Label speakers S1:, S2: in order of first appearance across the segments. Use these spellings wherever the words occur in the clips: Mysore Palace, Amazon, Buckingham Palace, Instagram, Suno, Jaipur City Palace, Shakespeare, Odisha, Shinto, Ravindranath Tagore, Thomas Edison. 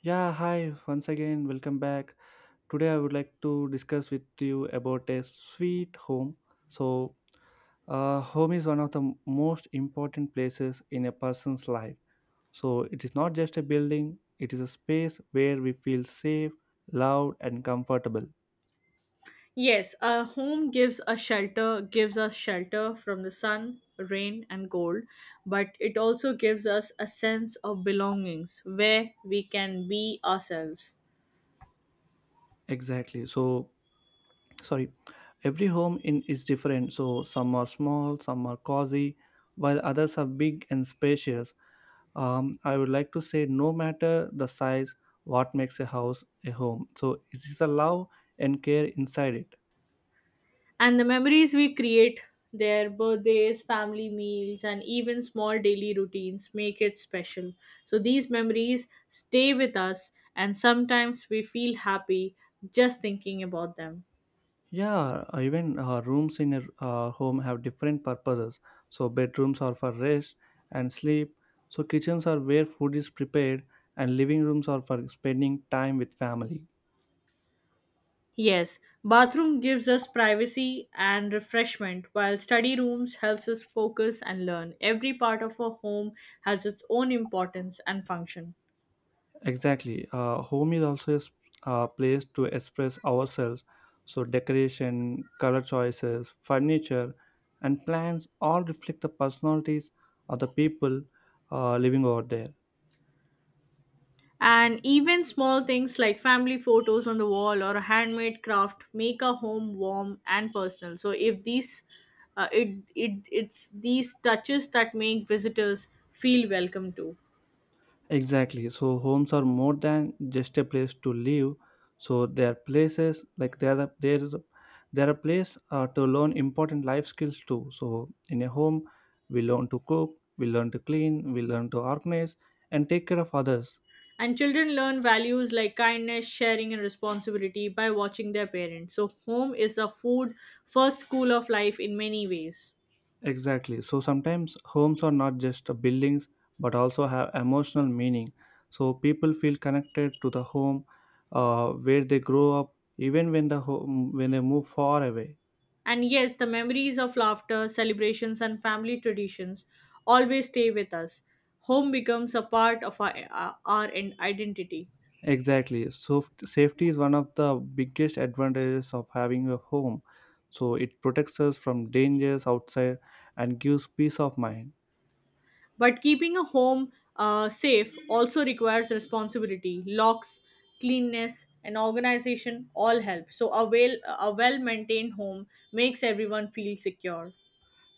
S1: Yeah, hi, once again, welcome back. Today I would like to discuss with you about a sweet home. So, Home is one of the most important places in a person's life. So, it is not just a building, it is a space where we feel safe, loved, and comfortable.
S2: Yes, a home gives a shelter, gives us shelter from the sun, rain, and cold, but it also gives us a sense of belongings where we can be ourselves.
S1: Exactly. So, sorry Every home in is different, so some are small, some are cozy, while others are big and spacious. I would like to say, no matter the size, what makes a house a home, so it is a love and care inside it.
S2: And the memories we create, their birthdays, family meals, and even small daily routines make it special. So these memories stay with us, and sometimes we feel happy just thinking about them.
S1: Yeah, even rooms in a home have different purposes. So bedrooms are for rest and sleep, so kitchens are where food is prepared, and living rooms are for spending time with family.
S2: Yes, bathroom gives us privacy and refreshment, while study rooms helps us focus and learn. Every part of our home has its own importance and function.
S1: Exactly. Home is also a a place to express ourselves. So, decoration, color choices, furniture, and plans all reflect the personalities of the people living over there.
S2: And even small things like family photos on the wall or a handmade craft make our home warm and personal. So if these it's these touches that make visitors feel welcome too.
S1: Exactly. So, homes are more than just a place to live. So, they are places like they are a place to learn important life skills too. So, in a home, we learn to cook, we learn to clean, we learn to organize, and take care of others.
S2: And children learn values like kindness, sharing, and responsibility by watching their parents. So, home is a food first school of life in many ways.
S1: Exactly. So sometimes homes are not just buildings, but also have emotional meaning. So people feel connected to the home where they grow up, even when the home when they move far away.
S2: And yes, the memories of laughter, celebrations, and family traditions always stay with us. Home becomes a part of our identity.
S1: Exactly. So safety is one of the biggest advantages of having a home. So it protects us from dangers outside and gives peace of mind.
S2: But keeping a home safe also requires responsibility. Locks, cleanness, and organization all help. So a well maintained home makes everyone feel secure.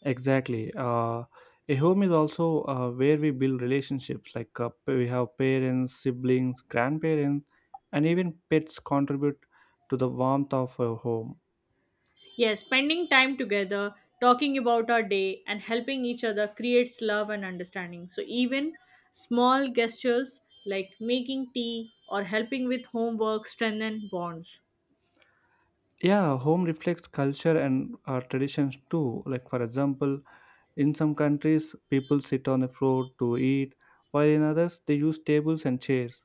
S1: Exactly. A home is also where we build relationships. Like we have parents, siblings, grandparents, and even pets contribute to the warmth of a home.
S2: Yes, spending time together, talking about our day, and helping each other creates love and understanding. So, even small gestures like making tea or helping with homework strengthen bonds.
S1: Yeah, home reflects culture and traditions too. Like for example, in some countries, people sit on the floor to eat, while in others they use tables and chairs.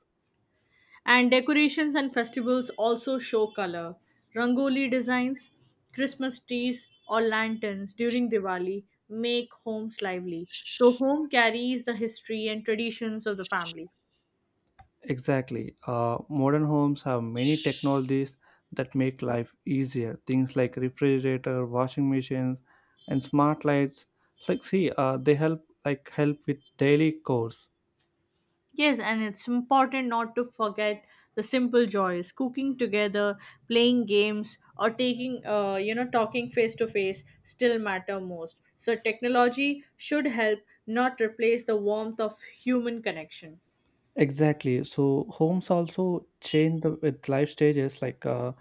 S2: And decorations and festivals also show color. Rangoli designs, Christmas trees, or lanterns during Diwali make homes lively. So, home carries the history and traditions of the family.
S1: Exactly. Modern homes have many technologies that make life easier. Things like refrigerator, washing machines, and smart lights. It's like, see, they help, like help with daily chores.
S2: Yes, and it's important not to forget the simple joys cooking together, playing games, or taking, talking face to face still matter most. So, technology should help, not replace the warmth of human connection.
S1: Exactly. So homes also change the with life stages, like uh,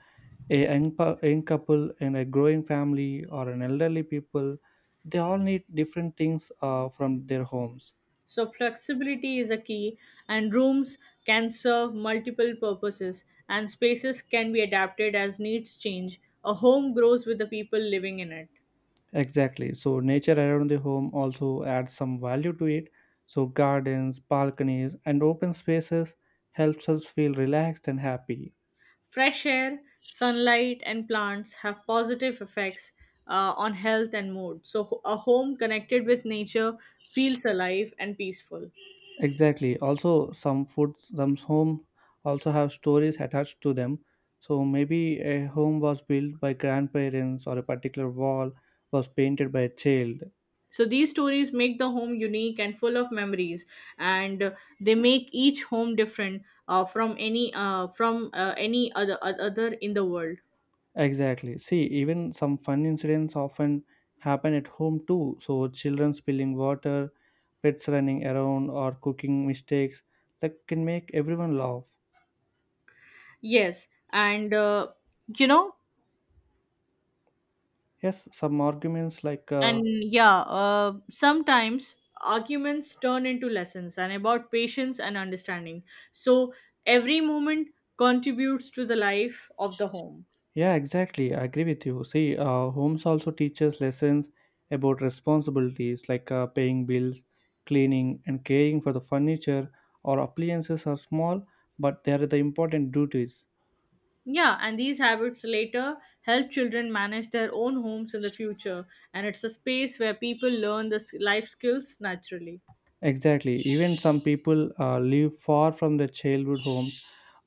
S1: a young, pa- young couple and a growing family, or an elderly people. They all need different things from their homes.
S2: So, flexibility is a key, and rooms can serve multiple purposes, and spaces can be adapted as needs change. A home grows with the people living in it.
S1: Exactly. So nature around the home also adds some value to it. So gardens, balconies, and open spaces helps us feel relaxed and happy.
S2: Fresh air, sunlight, and plants have positive effects on health and mood. So, a home connected with nature feels alive and peaceful.
S1: Exactly. Also, some foods, some home also have stories attached to them. So maybe a home was built by grandparents, or a particular wall was painted by a child.
S2: So, these stories make the home unique and full of memories, and they make each home different from any other other in the world.
S1: Exactly. See, even some fun incidents often happen at home too. So, children spilling water, pets running around, or cooking mistakes that can make everyone laugh.
S2: Yes, and you know
S1: Yes, some arguments like,
S2: yeah, sometimes arguments turn into lessons and about patience and understanding, so every moment contributes to the life of the home.
S1: yeah, exactly. I agree with you. See, homes also teaches lessons about responsibilities, like paying bills, cleaning, and caring for the furniture or appliances are small, but they are the important duties.
S2: Yeah, and these habits later help children manage their own homes in the future, and it's a space where people learn the life skills naturally.
S1: Exactly. Even some people live far from their childhood home,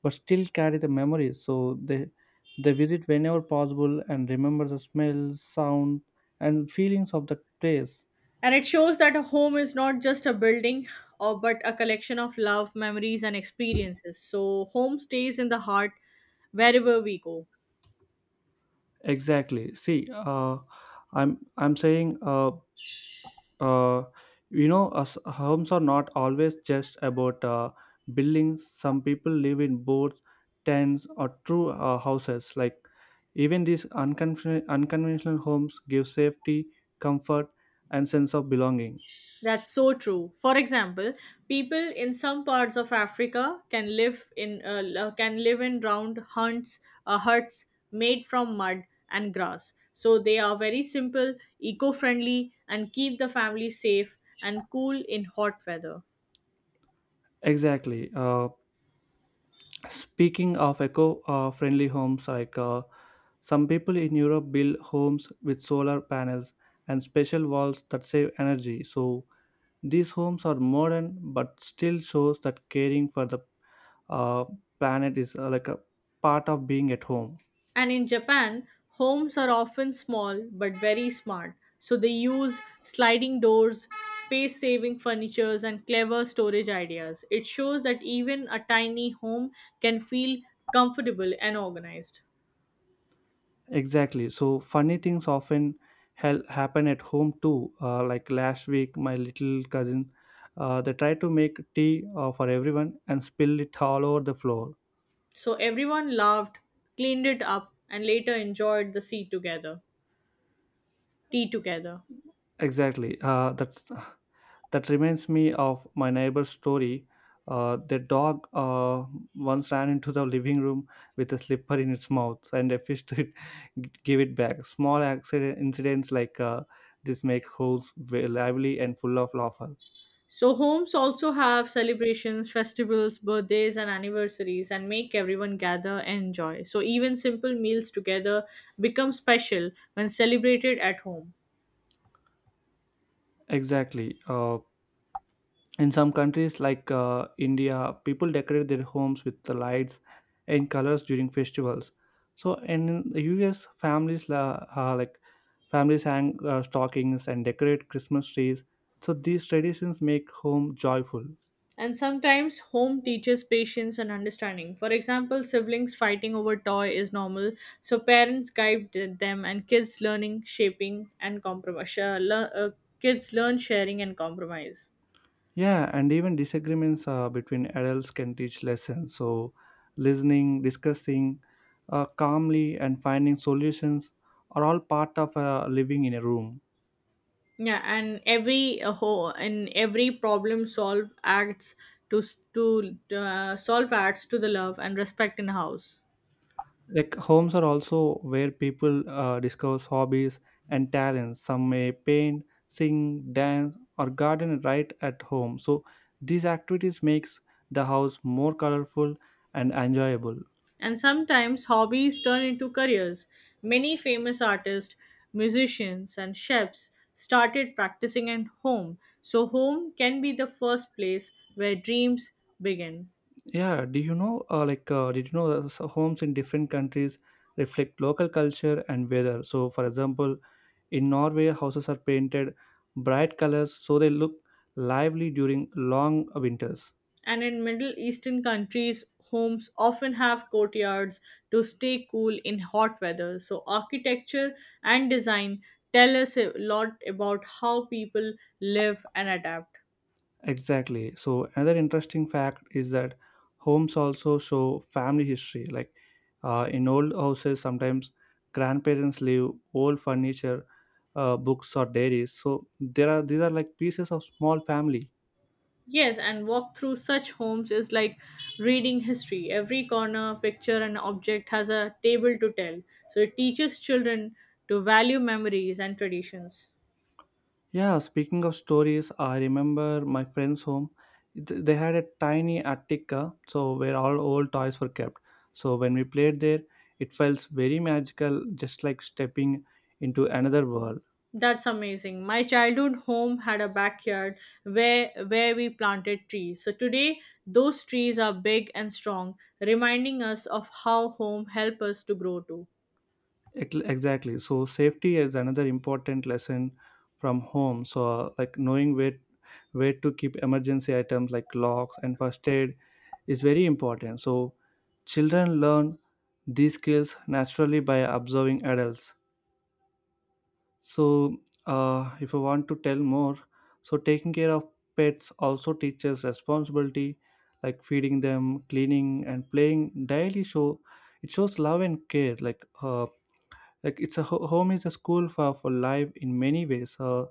S1: but still carry the memories. So they visit whenever possible and remember the smells, sound, and feelings of that place.
S2: And it shows that a home is not just a building or but a collection of love, memories, and experiences, so home stays in the heart wherever we go.
S1: Exactly. See, I'm saying uh, you know, us homes are not always just about buildings. Some people live in boats, tents, or true houses. Like even these unconventional homes give safety, comfort, and sense of belonging.
S2: That's so true. For example, people in some parts of Africa can live in can live in round hunts, huts made from mud and grass. So they are very simple, eco-friendly, and keep the family safe and cool in hot weather.
S1: Exactly. Speaking of eco friendly homes, like some people in Europe build homes with solar panels and special walls that save energy. So these homes are modern but still shows that caring for the uh, planet is like a part of being at home.
S2: And in Japan, homes are often small but very smart, so they use sliding doors, space saving furnitures, and clever storage ideas. It shows that even a tiny home can feel comfortable and organized.
S1: Exactly. So funny things often happen at home too. Like last week, my little cousin, they tried to make tea for everyone and spilled it all over the floor.
S2: So everyone laughed, cleaned it up, and later enjoyed the sea together, tea together.
S1: Exactly. That reminds me of my neighbor's story. The dog once ran into the living room with a slipper in its mouth, and a fish to it, give it back. Small accident incidents like this make holes very lively and full of laughter.
S2: So homes also have celebrations, festivals, birthdays, and anniversaries, and make everyone gather and enjoy. So even simple meals together become special when celebrated at home.
S1: Exactly. In some countries like India, people decorate their homes with the lights and colors during festivals. So, and in the US, families families hang stockings and decorate Christmas trees. So these traditions make home joyful.
S2: And sometimes home teaches patience and understanding. For example, siblings fighting over toy is normal, so parents guide them, and kids learning, shaping, and compromise. Kids learn sharing and compromise.
S1: Yeah, and even disagreements between adults can teach lessons. So, listening, discussing calmly, and finding solutions are all part of living in a room.
S2: Yeah, and every ho and every problem solve acts to solve acts to the love and respect in house.
S1: Like homes are also where people discover hobbies and talents. Some may paint, sing, dance, or garden right at home. So these activities makes the house more colorful and enjoyable.
S2: And sometimes hobbies turn into careers. Many famous artists, musicians, and chefs started practicing at home. So home can be the first place where dreams begin.
S1: Yeah, do you know? Did you know that homes in different countries reflect local culture and weather? So, for example, in Norway, houses are painted bright colors so they look lively during long winters.
S2: And in middle eastern countries, homes often have courtyards to stay cool in hot weather, so architecture and design tell us a lot about how people live and adapt.
S1: Exactly. So another interesting fact is that homes also show family history. Like in old houses, sometimes grandparents leave old furniture, books or diaries. So there are these are like pieces of small family.
S2: Yes, and walk through such homes is like reading history. Every corner, picture, and object has a tale to tell, so it teaches children to value memories and traditions.
S1: Yeah. Speaking of stories, I remember my friend's home. They had a tiny attic, so where all old toys were kept. So when we played there, it felt very magical, just like stepping into another world.
S2: That's amazing. My childhood home had a backyard where we planted trees. So today those trees are big and strong, reminding us of how home help us to grow too.
S1: Exactly. So safety is another important lesson from home. So like knowing where to keep emergency items like locks and first aid is very important. So children learn these skills naturally by observing adults. So if I want to tell more, so taking care of pets also teaches responsibility, like feeding them, cleaning, and playing daily show, it shows love and care. Like home is a school for life in many ways. uh,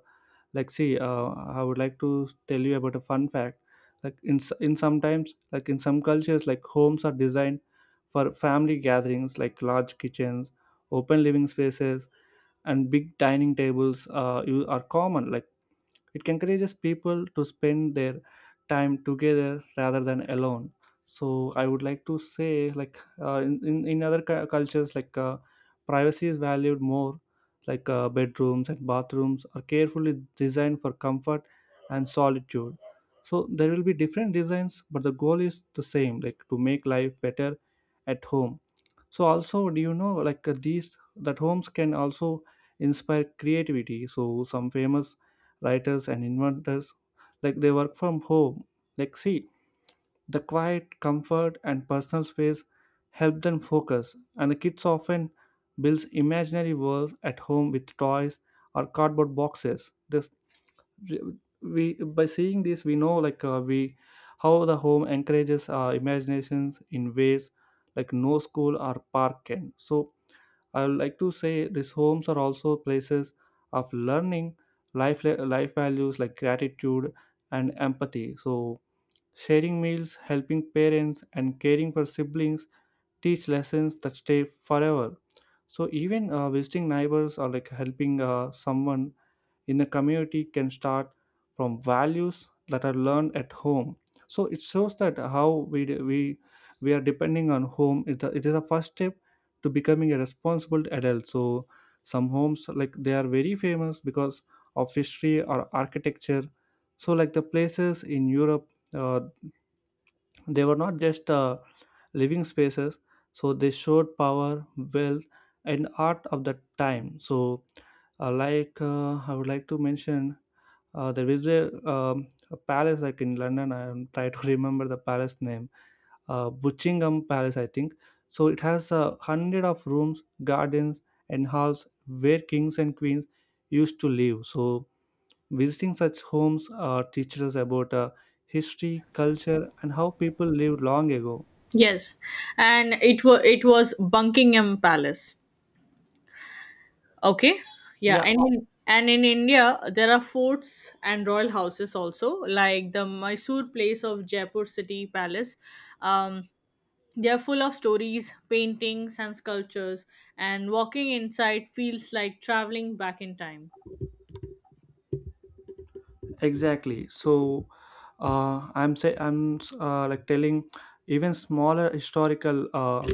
S1: like see uh, i would like to tell you about a fun fact. Like in s- in sometimes, like in some cultures, like homes are designed for family gatherings, like large kitchens, open living spaces, and big dining tables you are common. Like it encourages people to spend their time together rather than alone. So I would like to say, like in other cultures, like privacy is valued more. Like bedrooms and bathrooms are carefully designed for comfort and solitude. So there will be different designs, but the goal is the same, like to make life better at home. So also, do you know like these that homes can also inspire creativity? So some famous writers and inventors, like they work from home. Like see, the quiet comfort and personal space help them focus, and the kids often builds imaginary worlds at home with toys or cardboard boxes. This, we by seeing this, we know, like we how the home encourages our imaginations in ways like no school or park can. So I would like to say these homes are also places of learning life values like gratitude and empathy. So sharing meals, helping parents, and caring for siblings teach lessons that stay forever. So even visiting neighbors, or like helping someone in the community can start from values that are learned at home. So it shows that how we d- we are depending on home. It is a first step to becoming a responsible adult. So some homes, like they are very famous because of history or architecture. So like the places in Europe, uh, they were not just living spaces. So they showed power, wealth, and art of the time. So I would like to mention, there is a palace like in London. I am trying to remember the palace name. Buckingham Palace, I think. So it has 100 of rooms, gardens, and halls where kings and queens used to live. So visiting such homes teaches us about history, culture, and how people lived long ago.
S2: Yes. And it was Buckingham Palace. Okay? Yeah,
S1: Yeah,
S2: and in India there are forts and royal houses also, like the Mysore Place of Jaipur City Palace. Um, they're full of stories, paintings, and sculptures, and walking inside feels like traveling back in time.
S1: exactly. So I'm say I'm like telling even smaller historical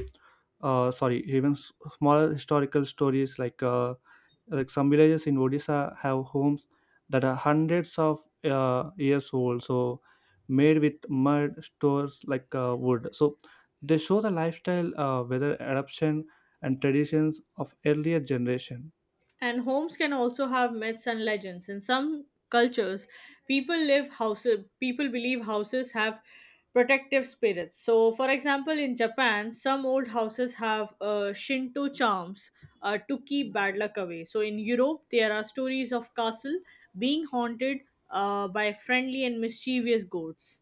S1: uh, sorry even s- smaller historical stories, like some villages in Odisha have homes that are hundreds of years old. So made with mud stores, like wood. So they show the lifestyle, weather adoption, and traditions of earlier generation.
S2: And homes can also have myths and legends. In some cultures, people live houses. People believe houses have protective spirits. So, for example, in Japan, some old houses have Shinto charms to keep bad luck away. So, in Europe, there are stories of castle being haunted by friendly and mischievous ghosts.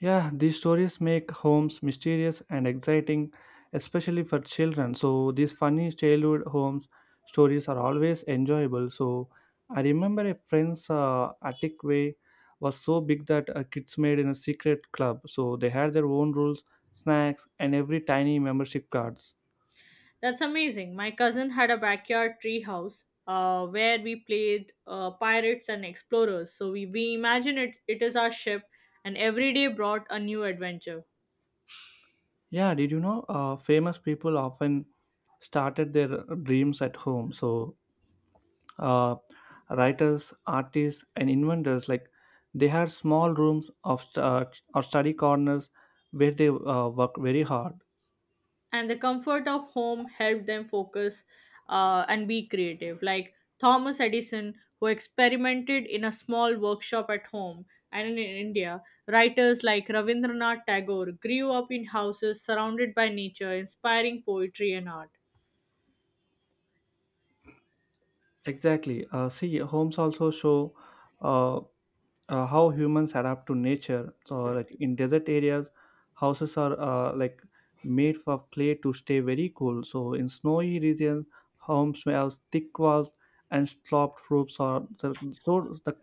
S1: Yeah, these stories make homes mysterious and exciting, especially for children. So these funny childhood homes stories are always enjoyable. So I remember a friend's attic way was so big that kids made in a secret club. So they had their own rules, snacks, and every tiny membership cards.
S2: That's amazing. My cousin had a backyard treehouse where we played pirates and explorers. So we imagine it is our ship, and every day brought a new adventure.
S1: Yeah, did you know famous people often started their dreams at home? So uh, writers, artists, and inventors. They had small rooms of or study corners where they work very hard.
S2: And the comfort of home helped them focus and be creative. Like Thomas Edison, who experimented in a small workshop at home, and in India, writers like Ravindranath Tagore grew up in houses surrounded by nature, inspiring poetry and art.
S1: Exactly. See, homes also show uh, how humans adapt to nature. So, like in desert areas, houses are made for clay to stay very cool. So, in snowy regions, homes may have thick walls and sloped roofs, or so, so the,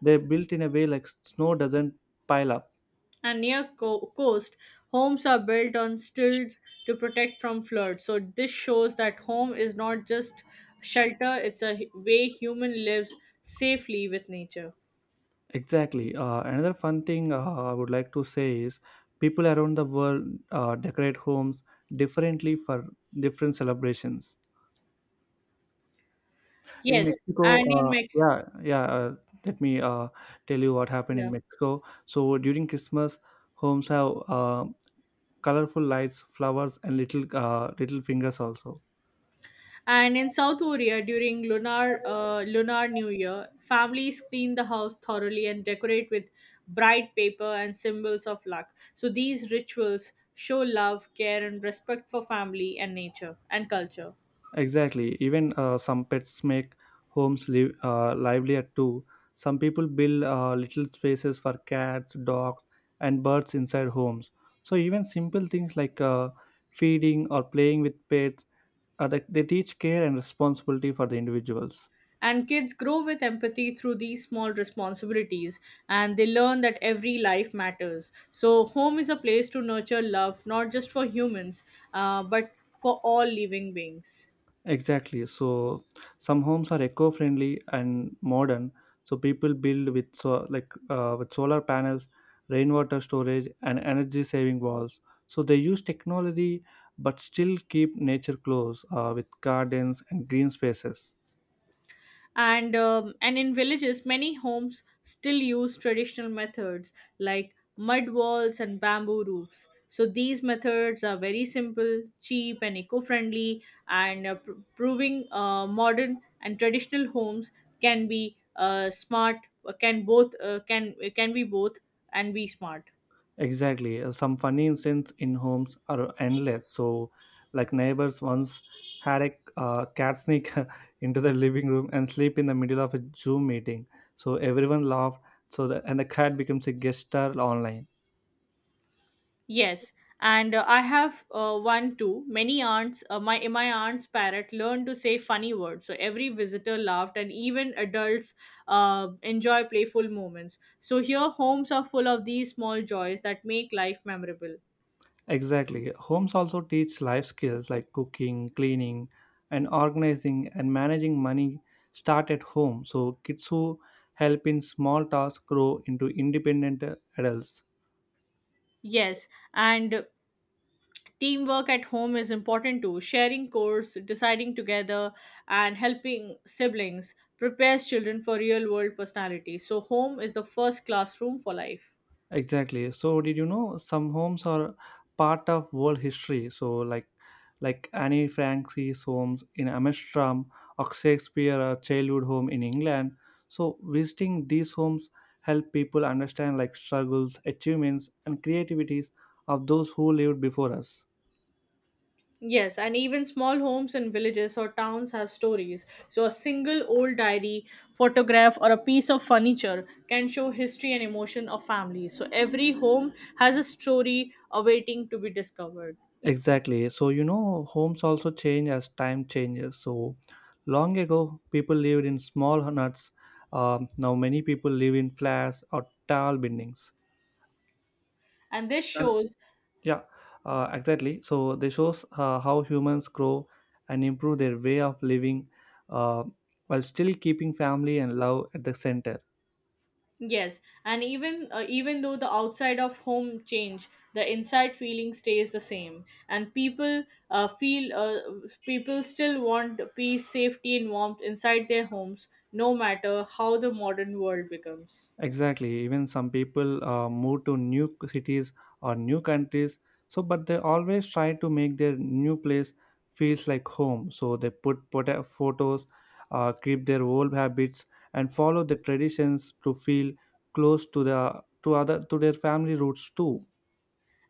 S1: they're built in a way like snow doesn't pile up.
S2: And near coast, homes are built on stilts to protect from floods, so this shows that home is not just shelter. It's a way human lives safely with nature.
S1: Exactly. Another fun thing I would like to say is people around the world decorate homes differently for different celebrations. In
S2: Yes,
S1: Mexico,
S2: and in mex,
S1: yeah, yeah. Let me tell you what happened in
S2: yeah,
S1: Mexico. So during Christmas, homes have colorful lights, flowers, and little fingers also.
S2: and in South Korea, during Lunar New Year, families clean the house thoroughly and decorate with bright paper and symbols of luck. So these rituals show love, care, and respect for family and nature and culture.
S1: Exactly. Even some pets make homes livelier too. Some people build little spaces for cats, dogs, and birds inside homes. So even simple things like feeding or playing with pets, uh, they teach care and responsibility for the individuals.
S2: And kids grow with empathy through these small responsibilities, and they learn that every life matters. So, home is a place to nurture love, not just for humans, but for all living beings.
S1: Exactly. So some homes are eco-friendly and modern. So people build with with solar panels, rainwater storage, and energy-saving walls. So they use technology but still keep nature close with gardens and green spaces.
S2: And and in villages many homes still use traditional methods like mud walls and bamboo roofs, so these methods are very simple, cheap, and eco-friendly, and proving modern and traditional homes can be smart can both can be both and be smart.
S1: Exactly. Some funny incidents in homes are endless. So, like neighbors once had a cat sneak into the living room and sleep in the middle of a Zoom meeting. So everyone laughed. And the cat becomes a guest star online.
S2: Yes, and I have one too. Many aunts, my aunt's parrot learned to say funny words, so every visitor laughed, and even adults enjoy playful moments. So here, homes are full of these small joys that make life memorable.
S1: Exactly. Homes also teach life skills like cooking, cleaning, and organizing and managing money start at home. So kids who help in small tasks grow into independent adults.
S2: Yes, and teamwork at home is important too. Sharing chores, deciding together, and helping siblings prepares children for real world personalities. So home is the first classroom for life.
S1: Exactly. So did you know some homes are part of world history? Like Anne Frank's homes in Amsterdam or Shakespeare a childhood home in England. So visiting these homes help people understand like struggles, achievements and creativities of those who lived before us.
S2: Yes, and even small homes in villages or towns have stories. So, a single old diary, photograph, or a piece of furniture can show history and emotion of families. So, every home has a story awaiting to be discovered.
S1: Exactly. So you know homes also change as time changes. So long ago people lived in small huts. Now many people live in flats or tall buildings.
S2: And this
S1: Uh,
S2: shows,
S1: yeah, exactly. So they shows how humans grow and improve their way of living uh, while still keeping family and love at the center.
S2: yes, and even even though the outside of home change, the inside feeling stays the same, and people feel people still want peace, safety, and warmth inside their homes, no matter how the modern world becomes.
S1: Exactly. Even some people move to new cities or new countries. So, but they always try to make their new place feels like home. So they put photos, keep their old habits, and follow the traditions to feel close to the to other to their family roots too.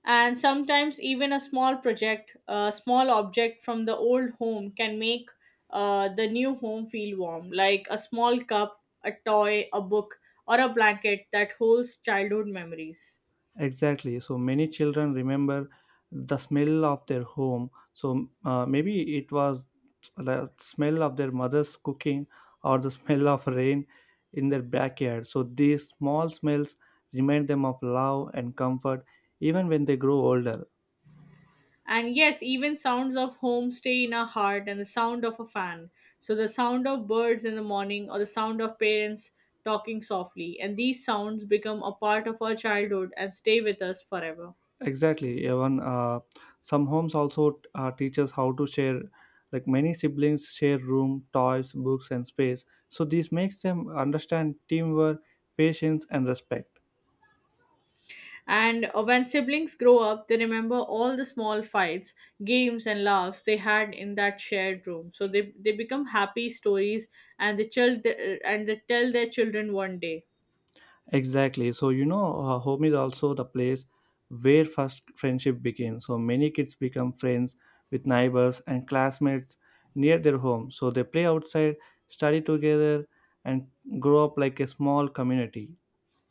S2: And sometimes even a small project, a small object from the old home can make the new home feel warm, like a small cup, a toy, a book, or a blanket that holds childhood memories.
S1: Exactly. So many children remember the smell of their home. So maybe it was the smell of their mother's cooking or the smell of rain in their backyard. So these small smells remind them of love and comfort even when they grow older.
S2: And yes, even sounds of home stay in our heart, and the sound of a fan. So the sound of birds in the morning or the sound of parents talking softly. And these sounds become a part of our childhood and stay with us forever.
S1: Exactly. Even some homes also teach us how to share. Like many siblings share room, toys, books, and space. So this makes them understand teamwork, patience, and respect.
S2: And when siblings grow up, they remember all the small fights, games, and laughs they had in that shared room. So they become happy stories, and they tell their children one day.
S1: Exactly. So, you know, home is also the place where first friendship begins. So, many kids become friends with neighbors and classmates near their home. So, they play outside, study together, and grow up like a small community.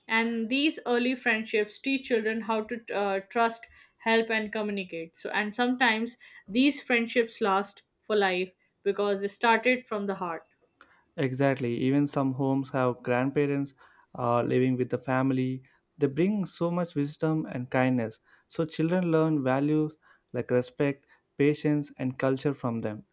S2: And these early friendships teach children how to trust, help, and communicate, so and sometimes these friendships last for life because they started from the heart.
S1: Exactly. Even some homes have grandparents living with the family. They bring so much wisdom and kindness. So, children learn values like respect, patience, and culture from them.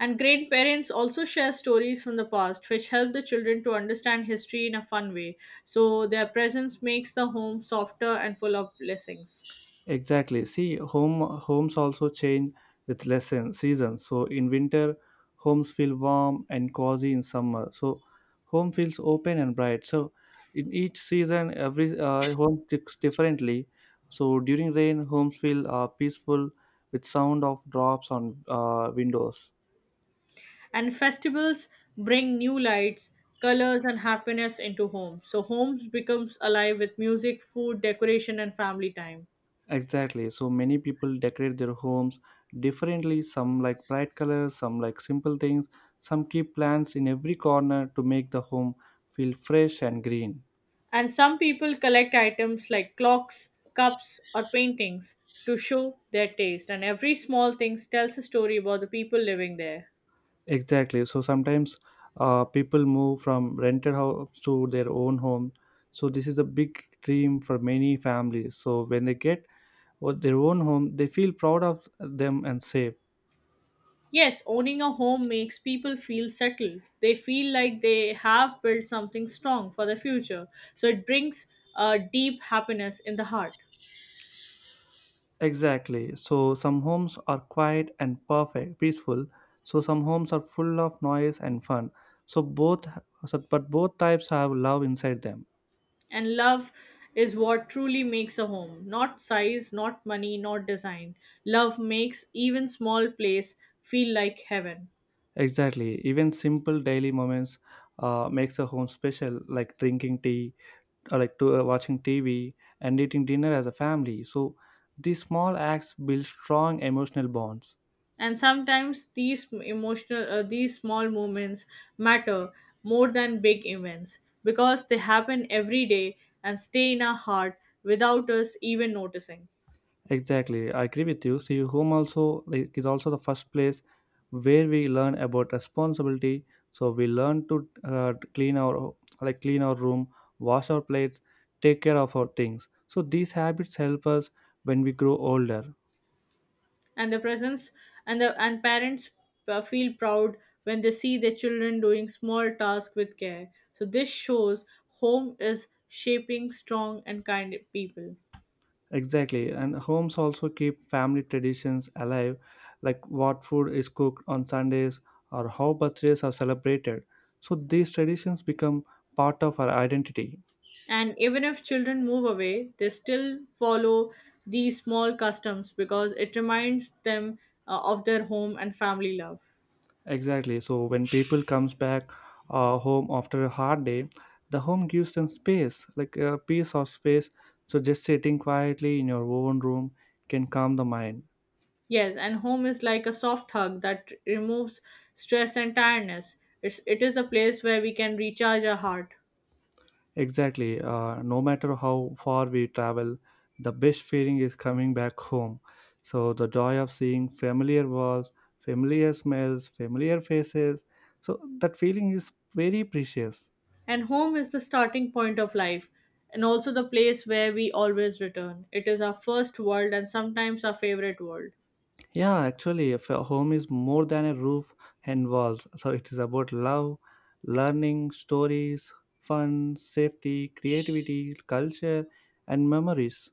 S2: And grandparents also share stories from the past, which help the children to understand history in a fun way, so their presence makes the home softer and full of blessings.
S1: Exactly. See, homes also change with lesson seasons. So in winter, homes feel warm and cozy. In summer, so home feels open and bright. So in each season, every home ticks differently. So during rain, homes feel peaceful with sound of drops on windows.
S2: And festivals bring new lights, colors, and happiness into homes, so homes becomes alive with music, food, decoration, and family time.
S1: Exactly. So many people decorate their homes differently. Some like bright colors, some like simple things. Some keep plants in every corner to make the home feel fresh and green.
S2: And some people collect items like clocks, cups, or paintings to show their taste, and every small thing tells a story about the people living there.
S1: Exactly. So sometimes people move from rented house to their own home. So this is a big dream for many families. So when they get their own home, they feel proud of them and safe.
S2: Yes, owning a home makes people feel settled. They feel like they have built something strong for the future. So it brings a deep happiness in the heart.
S1: Exactly. So some homes are quiet and perfect, peaceful. So some homes are full of noise and fun. So both, so but both types have love inside them.
S2: And love is what truly makes a home. Not size, not money, not design. Love makes even small place feel like heaven.
S1: Exactly. Even simple daily moments makes a home special, like drinking tea, or watching TV, and eating dinner as a family. So these small acts build strong emotional bonds.
S2: And sometimes these emotional these small moments matter more than big events because they happen every day and stay in our heart without us even noticing.
S1: Exactly, I agree with you. See, home also like, is also the first place where we learn about responsibility. So we learn to clean our room, wash our plates, take care of our things. So these habits help us when we grow older.
S2: And the presence and parents feel proud when they see their children doing small tasks with care, so this shows home is shaping strong and kind people.
S1: Exactly, and homes also keep family traditions alive, like what food is cooked on Sundays or how birthdays are celebrated. So these traditions become part of our identity.
S2: And even if children move away, they still follow these small customs because it reminds them of their home and family love.
S1: Exactly. So when people comes back home after a hard day, the home gives them space, like a piece of space. So just sitting quietly in your own room can calm the mind.
S2: Yes, and home is like a soft hug that removes stress and tiredness. It is a place where we can recharge our heart.
S1: Exactly. No matter how far we travel, the best feeling is coming back home. So the joy of seeing familiar walls, familiar smells, familiar faces. So that feeling is very precious.
S2: And home is the starting point of life and also the place where we always return. It is our first world and sometimes our favorite world.
S1: Yeah, actually, if a home is more than a roof and walls, so it is about love, learning, stories, fun, safety, creativity, culture, and memories.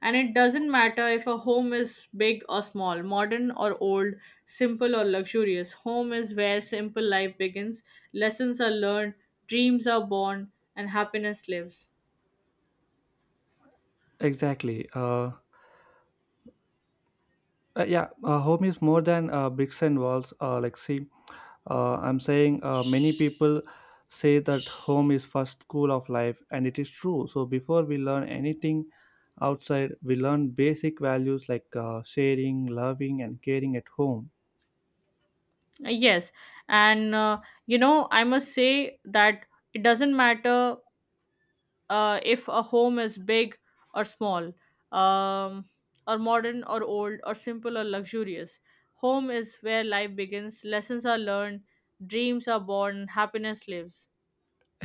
S2: And it doesn't matter if a home is big or small, modern or old, simple or luxurious. Home is where simple life begins, lessons are learned, dreams are born, and happiness lives.
S1: Exactly. Yeah, a home is more than bricks and walls. See, I'm saying many people say that home is first school of life, and it is true. So before we learn anything outside, we learn basic values like sharing, loving, and caring at home.
S2: Yes. And I must say that it doesn't matter if a home is big or small, um, or modern or old, or simple or luxurious. Home is where life begins, lessons are learned, dreams are born, happiness lives.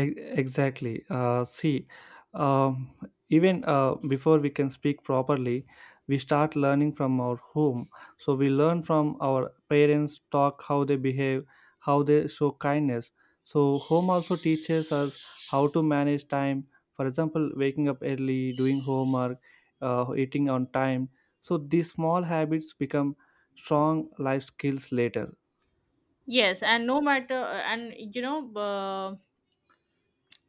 S1: E- Exactly. See, um, even before we can speak properly, we start learning from our home. So we learn from our parents, talk how they behave, how they show kindness. So home also teaches us how to manage time. For example, waking up early, doing homework, eating on time. So these small habits become strong life skills later.
S2: Yes, and no matter, and you know,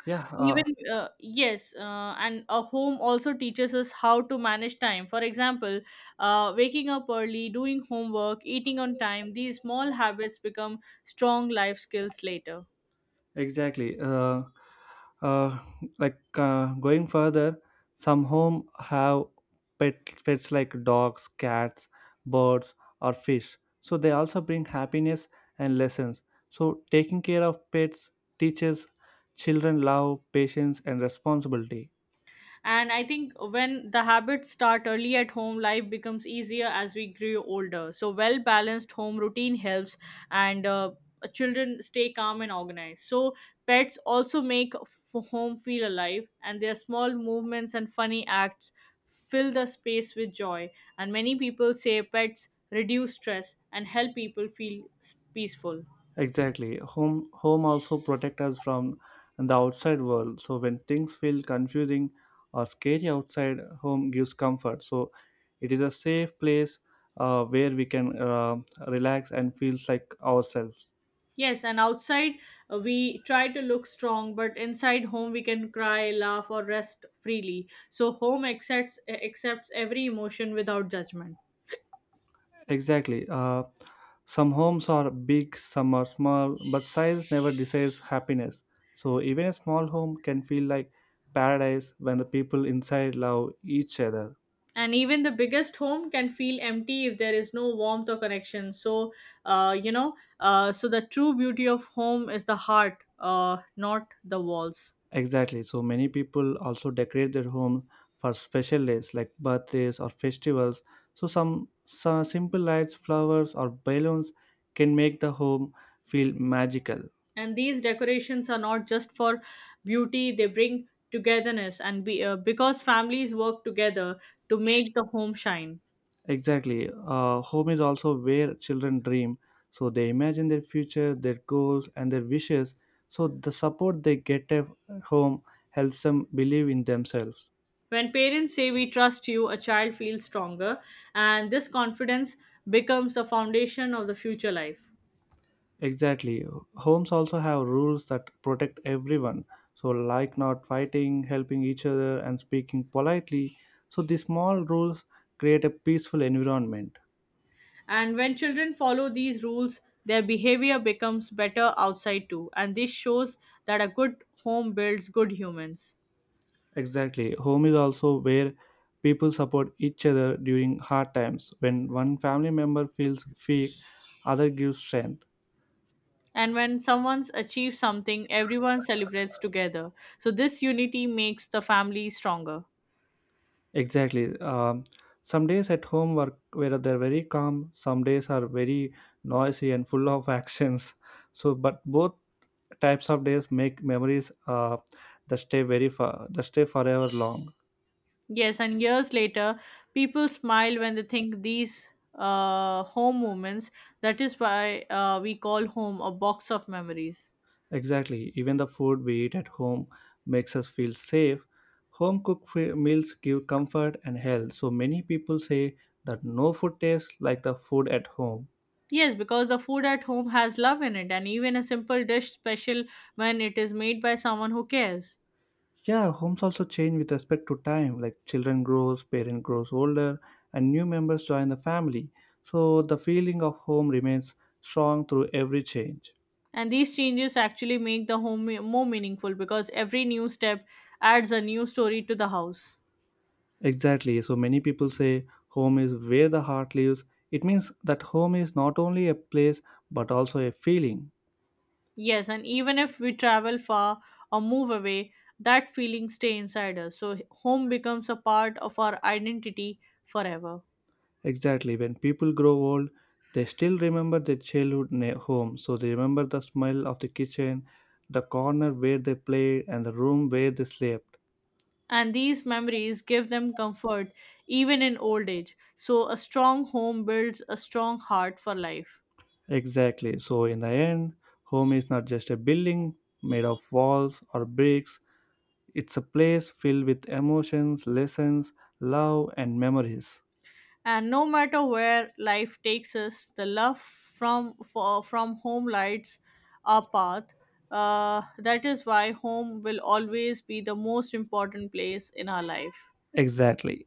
S1: Yeah, uh,
S2: even yes, and a home also teaches us how to manage time. For example, waking up early, doing homework, eating on time, these small habits become strong life skills later.
S1: Exactly. Uh, Going further, some home have pets like dogs, cats, birds, or fish. So they also bring happiness and lessons. So taking care of pets teaches children love, patience, and responsibility.
S2: And I think when the habits start early at home, life becomes easier as we grow older. So, well balanced home routine helps, and children stay calm and organized. So, pets also make home feel alive, and their small movements and funny acts fill the space with joy. And many people say pets reduce stress and help people feel peaceful.
S1: Exactly. Home also protect us from the outside world. So when things feel confusing or scary outside, home gives comfort. So it is a safe place where we can relax and feels like ourselves.
S2: Yes, and outside we try to look strong, but inside home we can cry, laugh, or rest freely. So home accepts every emotion without judgment.
S1: Exactly. Some homes are big, some are small, but size never decides happiness. So even a small home can feel like paradise when the people inside love each other.
S2: And even the biggest home can feel empty if there is no warmth or connection. So the true beauty of home is the heart, not the walls.
S1: Exactly. So many people also decorate their home for special days like birthdays or festivals. So some simple lights, flowers, or balloons can make the home feel magical.
S2: And these decorations are not just for beauty; they bring togetherness. Because families work together to make the home shine.
S1: Exactly. Home is also where children dream. So they imagine their future, their goals, and their wishes. So the support they get at home helps them believe in themselves.
S2: When parents say we trust you, a child feels stronger, and this confidence becomes the foundation of the future life.
S1: Exactly. Homes also have rules that protect everyone. So, like not fighting, helping each other, and speaking politely. So, these small rules create a peaceful environment.
S2: And when children follow these rules, their behavior becomes better outside too. And this shows that a good home builds good humans.
S1: Exactly. Home is also where people support each other during hard times. When one family member feels weak, other gives strength.
S2: And when someone achieves something, everyone celebrates together. So, this unity makes the family stronger.
S1: Exactly. Some days at home were where they're very calm. Some days are very noisy and full of actions. So, but both types of days make memories that stay very far, that stay forever long.
S2: Yes, and years later, people smile when they think these home moments. That is why we call home a box of memories.
S1: Exactly. Even the food we eat at home makes us feel safe. Home cooked meals give comfort and health. So many people say that no food tastes like the food at home.
S2: Yes, because the food at home has love in it, and even a simple dish special when it is made by someone who cares.
S1: Yeah, homes also change with respect to time. Like children grows, parent grows older, and new members join the family. So the feeling of home remains strong through every change.
S2: And these changes actually make the home more meaningful because every new step adds a new story to the house.
S1: Exactly. So many people say home is where the heart lives. It means that home is not only a place but also a feeling.
S2: Yes, and even if we travel far or move away, that feeling stay inside us. So home becomes a part of our identity forever.
S1: Exactly. When people grow old, they still remember their childhood home. So they remember the smell of the kitchen, the corner where they played, and the room where they slept.
S2: And these memories give them comfort even in old age. So a strong home builds a strong heart for life.
S1: Exactly. So, in the end, home is not just a building made of walls or bricks, it's a place filled with emotions, lessons, love, and memories.
S2: And no matter where life takes us, the love from home lights our path. That is why home will always be the most important place in our life.
S1: Exactly.